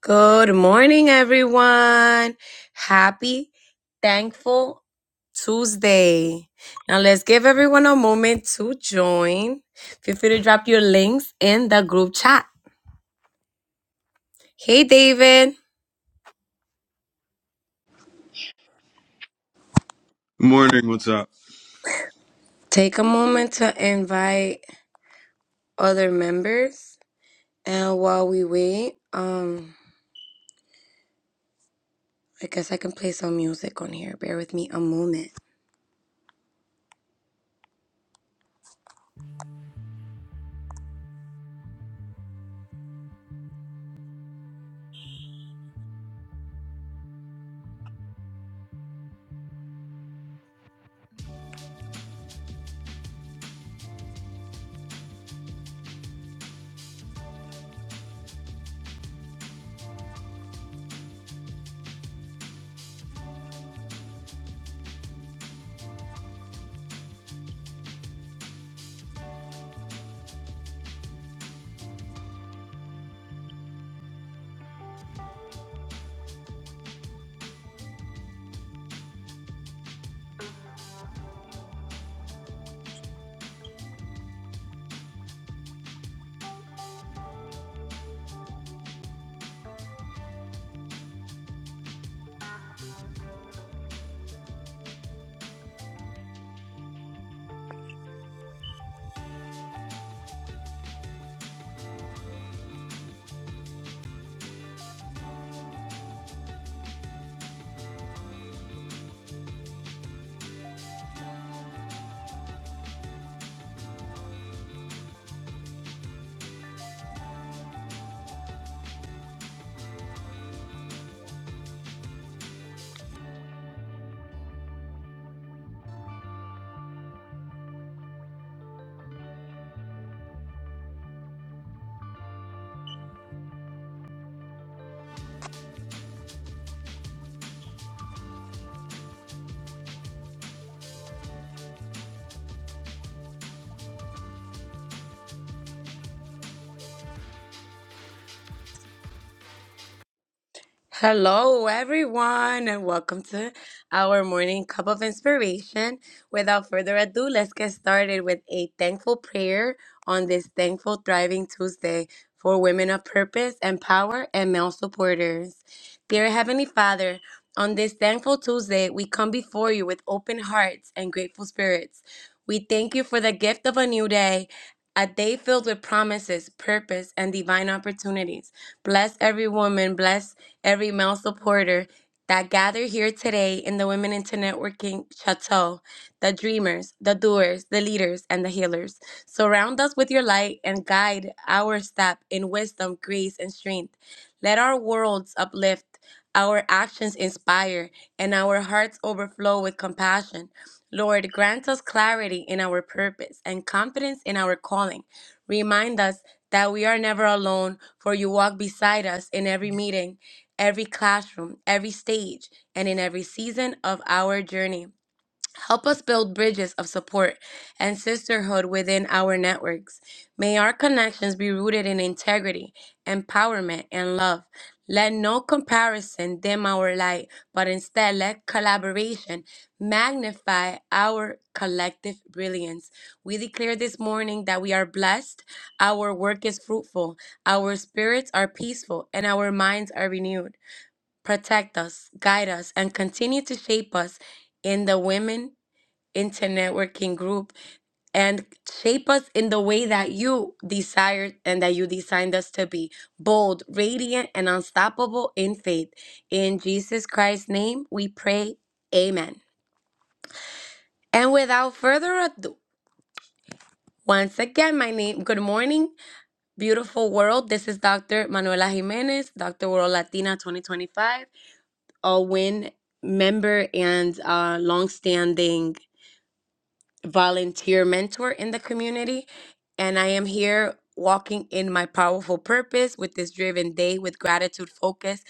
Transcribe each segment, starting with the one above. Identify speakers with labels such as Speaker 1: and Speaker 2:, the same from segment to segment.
Speaker 1: Good morning, everyone. Happy, thankful Tuesday. Now, let's give everyone a moment to join. Feel free to drop your links in the group chat. Hey, David.
Speaker 2: Morning, what's up?
Speaker 1: Take a moment to invite other members. And while we wait, um, I guess I can play some music on here. Bear with me a moment. Hello, everyone, and welcome to our morning cup of inspiration. Without further ado, let's get started with a thankful prayer on this thankful, thriving Tuesday for women of purpose and power and male supporters. Dear Heavenly Father, on this thankful Tuesday, we come before you with open hearts and grateful spirits. We thank you for the gift of a new day. A day filled with promises, purpose, and divine opportunities. Bless every woman, bless every male supporter that gather here today in the Women into Networking Chateau, the dreamers, the doers, the leaders, and the healers. Surround us with your light and guide our step in wisdom, grace, and strength. Let our worlds uplift, our actions inspire, and our hearts overflow with compassion. Lord, grant us clarity in our purpose and confidence in our calling. Remind us that we are never alone, for you walk beside us in every meeting every classroom, every stage, and in every season of our journey. Help us build bridges of support and sisterhood within our networks. May our connections be rooted in integrity, empowerment, and love. Let no comparison dim our light, but instead let collaboration magnify our collective brilliance. We declare this morning that we are blessed, our work is fruitful, our spirits are peaceful, and our minds are renewed protect us, guide us, and continue to shape us in the Women into Networking group and shape us in the way that you desired and that you designed us to be bold, radiant, and unstoppable in faith. In Jesus Christ's name, we pray. Amen. And without further ado, once again, my name, good morning, beautiful world. This is Dr. Manuela Jimenez, Dr. World Latina 2025. Owen, member and uh, longstanding volunteer mentor in the community. And I am here walking in my powerful purpose with this driven day with gratitude focus.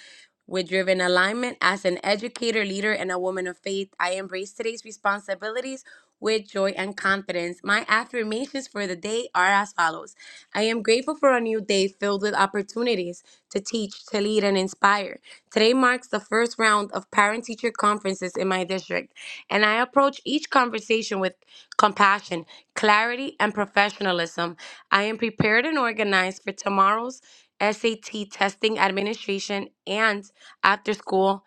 Speaker 1: With driven alignment as an educator, leader, and a woman of faith, I embrace today's responsibilities with joy and confidence. My affirmations for the day are as follows. I am grateful for a new day filled with opportunities to teach, to lead, and inspire. Today marks the first round of parent teacher conferences in my district, and I approach each conversation with compassion, clarity, and professionalism. I am prepared and organized for tomorrow's SAT testing administration and after school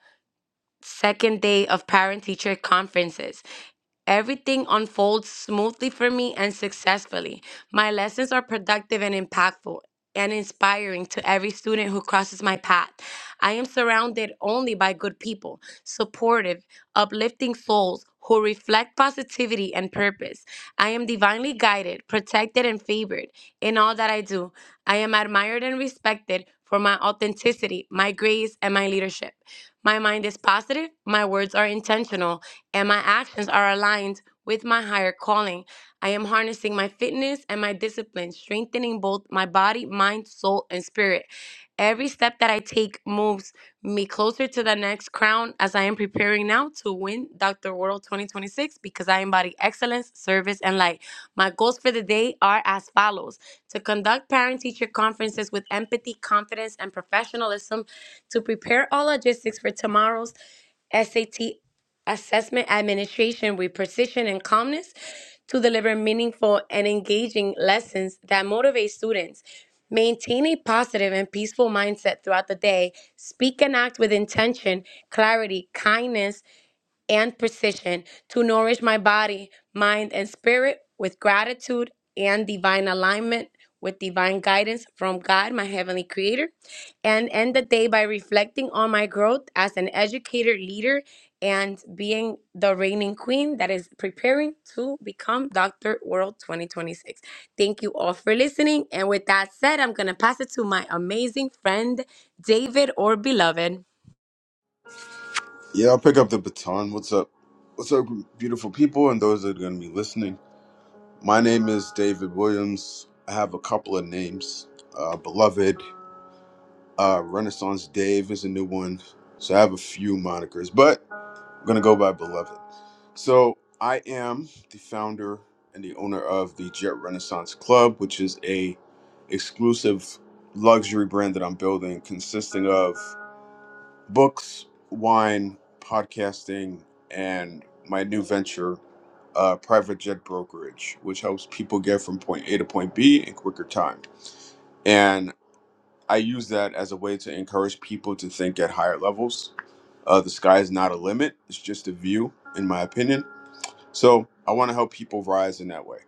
Speaker 1: second day of parent teacher conferences. Everything unfolds smoothly for me and successfully. My lessons are productive and impactful and inspiring to every student who crosses my path. I am surrounded only by good people, supportive, uplifting souls who reflect positivity and purpose. I am divinely guided, protected, and favored in all that I do. I am admired and respected for my authenticity, my grace, and my leadership. My mind is positive, my words are intentional, and my actions are aligned with my higher calling. I am harnessing my fitness and my discipline, strengthening both my body, mind, soul, and spirit. Every step that I take moves me closer to the next crown as I am preparing now to win Dr. World 2026 because I embody excellence, service, and light. My goals for the day are as follows to conduct parent teacher conferences with empathy, confidence, and professionalism, to prepare all logistics for tomorrow's SAT assessment administration with precision and calmness to deliver meaningful and engaging lessons that motivate students. Maintain a positive and peaceful mindset throughout the day. Speak and act with intention, clarity, kindness, and precision to nourish my body, mind, and spirit with gratitude and divine alignment, with divine guidance from God, my Heavenly Creator, and end the day by reflecting on my growth as an educator, leader, and being the reigning queen that is preparing to become Dr. World 2026. Thank you all for listening. And with that said, I'm going to pass it to my amazing friend, David or beloved.
Speaker 2: Yeah, I'll pick up the baton. What's up? What's up, beautiful people, and those that are going to be listening? My name is David Williams. I have a couple of names. Uh, Beloved, uh, Renaissance Dave is a new one. So I have a few monikers, but I'm going to go by Beloved. So I am the founder and the owner of the Jet Renaissance Club, which is a exclusive luxury brand that I'm building consisting of books, wine, podcasting, and my new venture, uh, private jet brokerage, which helps people get from point A to point B in quicker time. And I use that as a way to encourage people to think at higher levels. Uh, the sky is not a limit, it's just a view, in my opinion. So I want to help people rise in that way.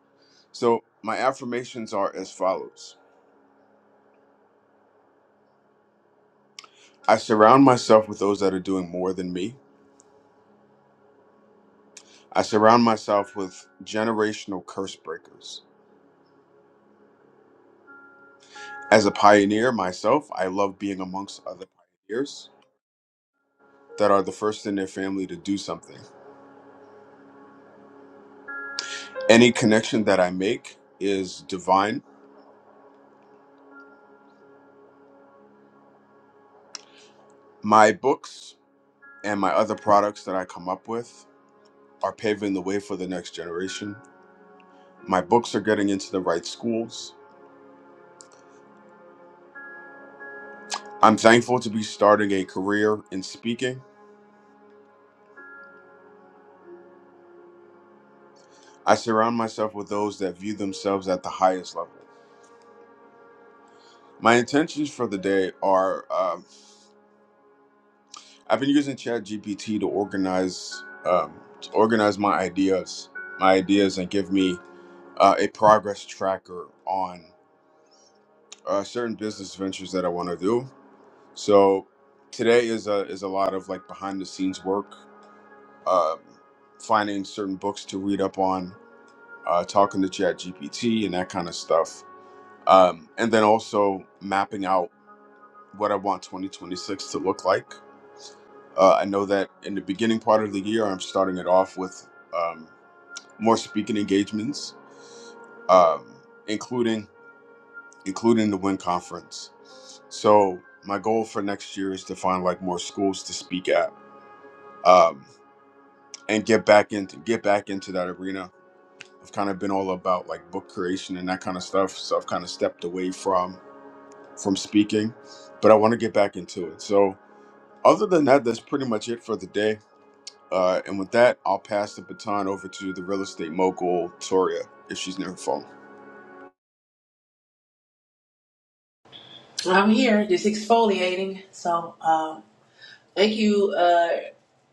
Speaker 2: So my affirmations are as follows I surround myself with those that are doing more than me. I surround myself with generational curse breakers. As a pioneer myself, I love being amongst other pioneers that are the first in their family to do something. Any connection that I make is divine. My books and my other products that I come up with are paving the way for the next generation. My books are getting into the right schools. I'm thankful to be starting a career in speaking. I surround myself with those that view themselves at the highest level. My intentions for the day are um, I've been using ChatGPT to organize um, to organize my ideas, my ideas, and give me uh, a progress tracker on uh, certain business ventures that I want to do. So today is a is a lot of like behind the scenes work, uh, finding certain books to read up on, uh, talking to ChatGPT and that kind of stuff, um, and then also mapping out what I want 2026 to look like Uh, I know that in the beginning part of the year, I'm starting it off with um, more speaking engagements, um, including including the Win Conference. So my goal for next year is to find like more schools to speak at um, and get back into get back into that arena. I've kind of been all about like book creation and that kind of stuff, so I've kind of stepped away from from speaking, but I want to get back into it. So other than that, that's pretty much it for the day. Uh, and with that, I'll pass the baton over to the real estate mogul, Toria, if she's near her phone.
Speaker 3: So I'm here just exfoliating. So uh, thank you, uh,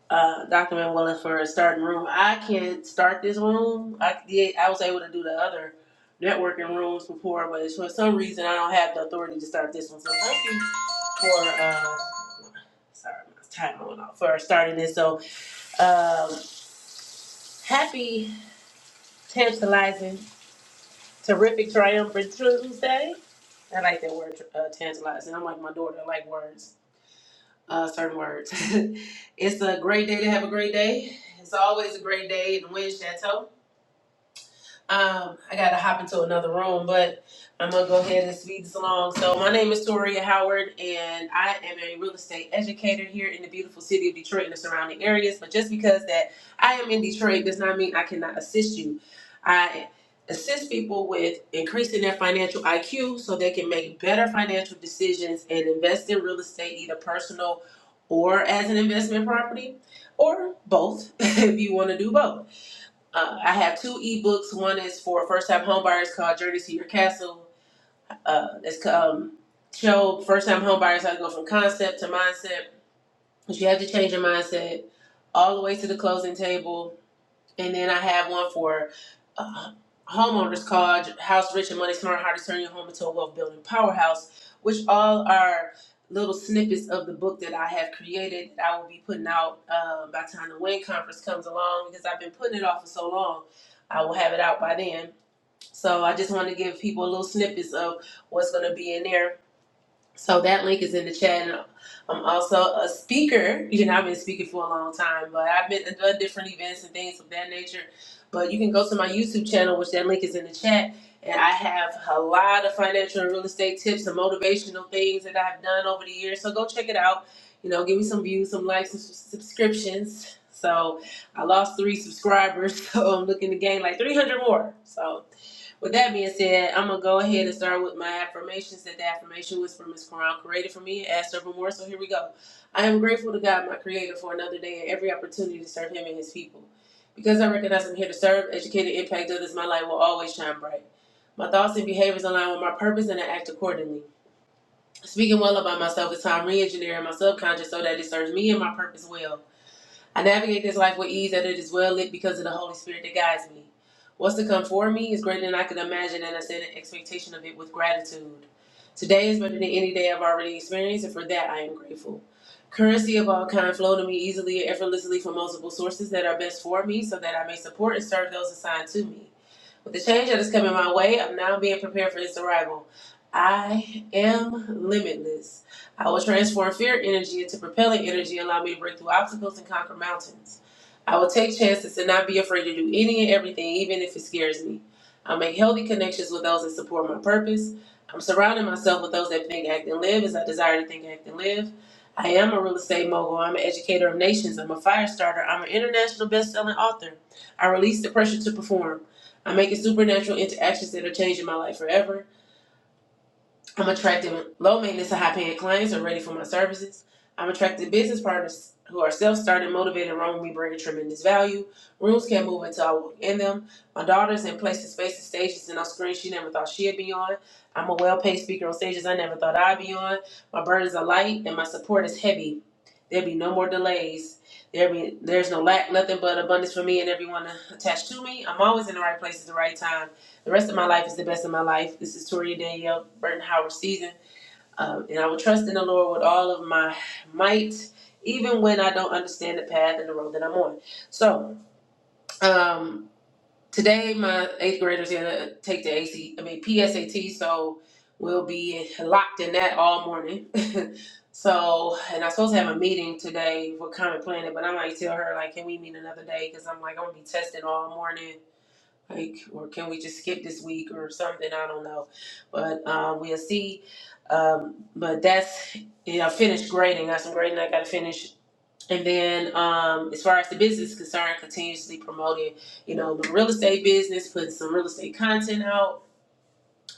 Speaker 3: uh, Dr. Manuela, for starting room. I can not start this room. I did. I was able to do the other networking rooms before, but it's for some reason I don't have the authority to start this one. So thank you for. Uh, sorry, my time went off for starting this. So um, happy tantalizing, terrific, triumphant Tuesday. I like that word, uh, tantalizing. I'm like my daughter. I like words. uh, certain words. it's a great day to have a great day. It's always a great day in the Wind Chateau. Um, I gotta hop into another room, but I'm gonna go ahead and speed this along. So my name is Toria Howard, and I am a real estate educator here in the beautiful city of Detroit and the surrounding areas. But just because that I am in Detroit does not mean I cannot assist you. I assist people with increasing their financial IQ so they can make better financial decisions and invest in real estate, either personal or as an investment property, or both if you want to do both. Uh, I have two ebooks. One is for first-time homebuyers called Journey to Your Castle. Uh, it's um, show first-time homebuyers how to go from concept to mindset. But you have to change your mindset all the way to the closing table and then I have one for uh, homeowners called House Rich and Money Smart How to Turn Your Home into a Wealth Building Powerhouse, which all are little snippets of the book that I have created that I will be putting out uh, by the time the WIN conference comes along because I've been putting it off for so long. I will have it out by then. So I just want to give people a little snippets of what's going to be in there so that link is in the chat. And I'm also a speaker. You know, I've been speaking for a long time, but I've been I've done different events and things of that nature. But you can go to my YouTube channel, which that link is in the chat. And I have a lot of financial and real estate tips and motivational things that I've done over the years. So go check it out. You know, give me some views, some likes, some subs- subscriptions. So I lost three subscribers, so I'm looking to gain like 300 more. So with that being said, I'm gonna go ahead and start with my affirmations. That the affirmation was from Ms. Quran, created for me, as servant more. So here we go. I am grateful to God, my Creator, for another day and every opportunity to serve Him and His people. Because I recognize I'm here to serve, educate, and impact others, my light will always shine bright. My thoughts and behaviors align with my purpose, and I act accordingly. Speaking well about myself is how I'm re-engineering my subconscious so that it serves me and my purpose well. I navigate this life with ease that it is well lit because of the Holy Spirit that guides me. What's to come for me is greater than I can imagine, and I set an expectation of it with gratitude. Today is better than any day I've already experienced, and for that I am grateful. Currency of all kind flow to me easily and effortlessly from multiple sources that are best for me, so that I may support and serve those assigned to me. With the change that is coming my way, I'm now being prepared for its arrival. I am limitless. I will transform fear energy into propelling energy, and allow me to break through obstacles and conquer mountains. I will take chances and not be afraid to do any and everything, even if it scares me. I make healthy connections with those that support my purpose. I'm surrounding myself with those that think, act, and live as I desire to think, act, and live. I am a real estate mogul. I'm an educator of nations. I'm a fire starter. I'm an international best-selling author. I release the pressure to perform. I'm making supernatural interactions that are changing my life forever. I'm attracting low maintenance to high paying clients who are ready for my services. I'm attracting business partners who are self started, motivated, and run with me, bringing tremendous value. Rooms can't move until I walk in them. My daughter's in places, spaces, stages, and on screens she never thought she'd be on. I'm a well paid speaker on stages I never thought I'd be on. My burdens are light and my support is heavy. There be no more delays. There be there's no lack, nothing but abundance for me and everyone attached to me. I'm always in the right place at the right time. The rest of my life is the best of my life. This is Toria Danielle Burton Howard season, um, and I will trust in the Lord with all of my might, even when I don't understand the path and the road that I'm on. So. Um, Today, my eighth graders had to take the AC, I mean PSAT, so we'll be locked in that all morning. so, and I'm supposed to have a meeting today for Common Planet, but I might tell her like, can we meet another day? Because I'm like, I'm gonna be tested all morning. Like, or can we just skip this week or something? I don't know, but um, we'll see. Um, but that's yeah, I finished grading. I got some grading I got to finish and then, um, as far as the business is concerned, continuously promoting, you know, the real estate business, putting some real estate content out.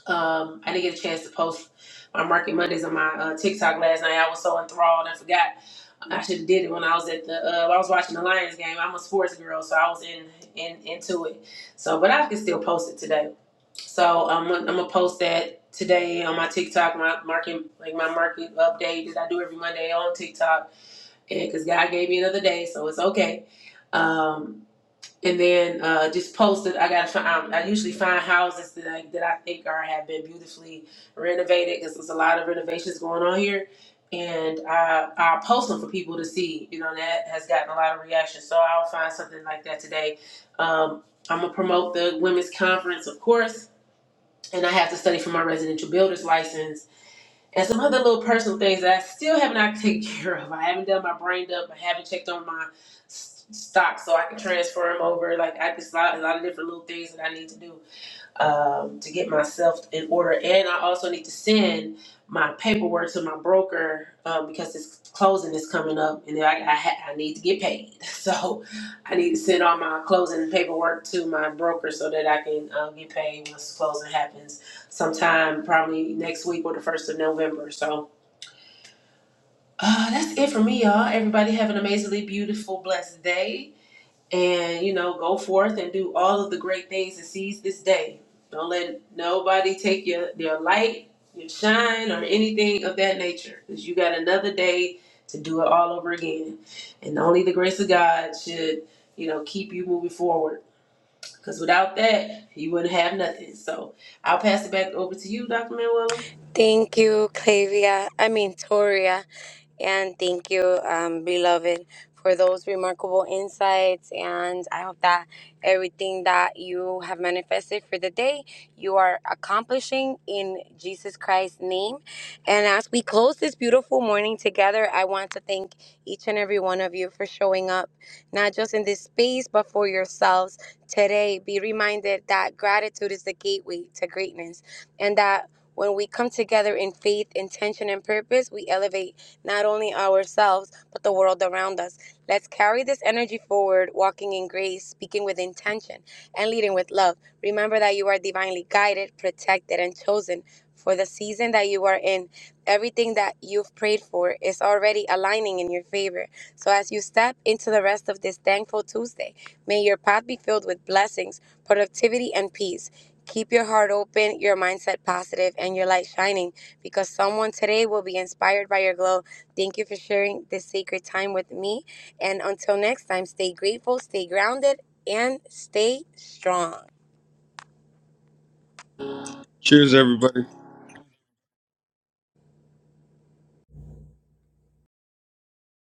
Speaker 3: Um, I didn't get a chance to post my Market Mondays on my uh, TikTok last night. I was so enthralled, I forgot. I should have did it when I was at the. Uh, I was watching the Lions game. I'm a sports girl, so I was in, in into it. So, but I can still post it today. So i I'm gonna post that today on my TikTok, my market like my market update that I do every Monday on TikTok because God gave me another day, so it's okay. Um, and then uh, just posted. I gotta find. Um, I usually find houses that I, that I think are have been beautifully renovated because there's a lot of renovations going on here, and I I post them for people to see. You know and that has gotten a lot of reaction, so I'll find something like that today. Um, I'm gonna promote the women's conference, of course, and I have to study for my residential builder's license and some other little personal things that I still have not taken care of. I haven't done my brain dump. I haven't checked on my s- stock so I can transfer them over. Like I just lot, a lot of different little things that I need to do um, to get myself in order, and I also need to send my paperwork to my broker um, because this closing is coming up, and then I, I, ha- I need to get paid. So I need to send all my closing paperwork to my broker so that I can um, get paid once closing happens, sometime probably next week or the first of November. So uh, that's it for me, y'all. Everybody have an amazingly beautiful, blessed day and you know go forth and do all of the great things and seize this day don't let nobody take your your light your shine or anything of that nature because you got another day to do it all over again and only the grace of god should you know keep you moving forward because without that you wouldn't have nothing so i'll pass it back over to you dr manuela
Speaker 1: Thank you, Clavia. I mean, Toria. And thank you, um, beloved, for those remarkable insights. And I hope that everything that you have manifested for the day, you are accomplishing in Jesus Christ's name. And as we close this beautiful morning together, I want to thank each and every one of you for showing up, not just in this space, but for yourselves today. Be reminded that gratitude is the gateway to greatness and that when we come together in faith, intention, and purpose, we elevate not only ourselves, but the world around us. Let's carry this energy forward, walking in grace, speaking with intention, and leading with love. Remember that you are divinely guided, protected, and chosen for the season that you are in. Everything that you've prayed for is already aligning in your favor. So as you step into the rest of this thankful Tuesday, may your path be filled with blessings, productivity, and peace. Keep your heart open, your mindset positive, and your light shining because someone today will be inspired by your glow. Thank you for sharing this sacred time with me. And until next time, stay grateful, stay grounded, and stay strong.
Speaker 2: Cheers, everybody.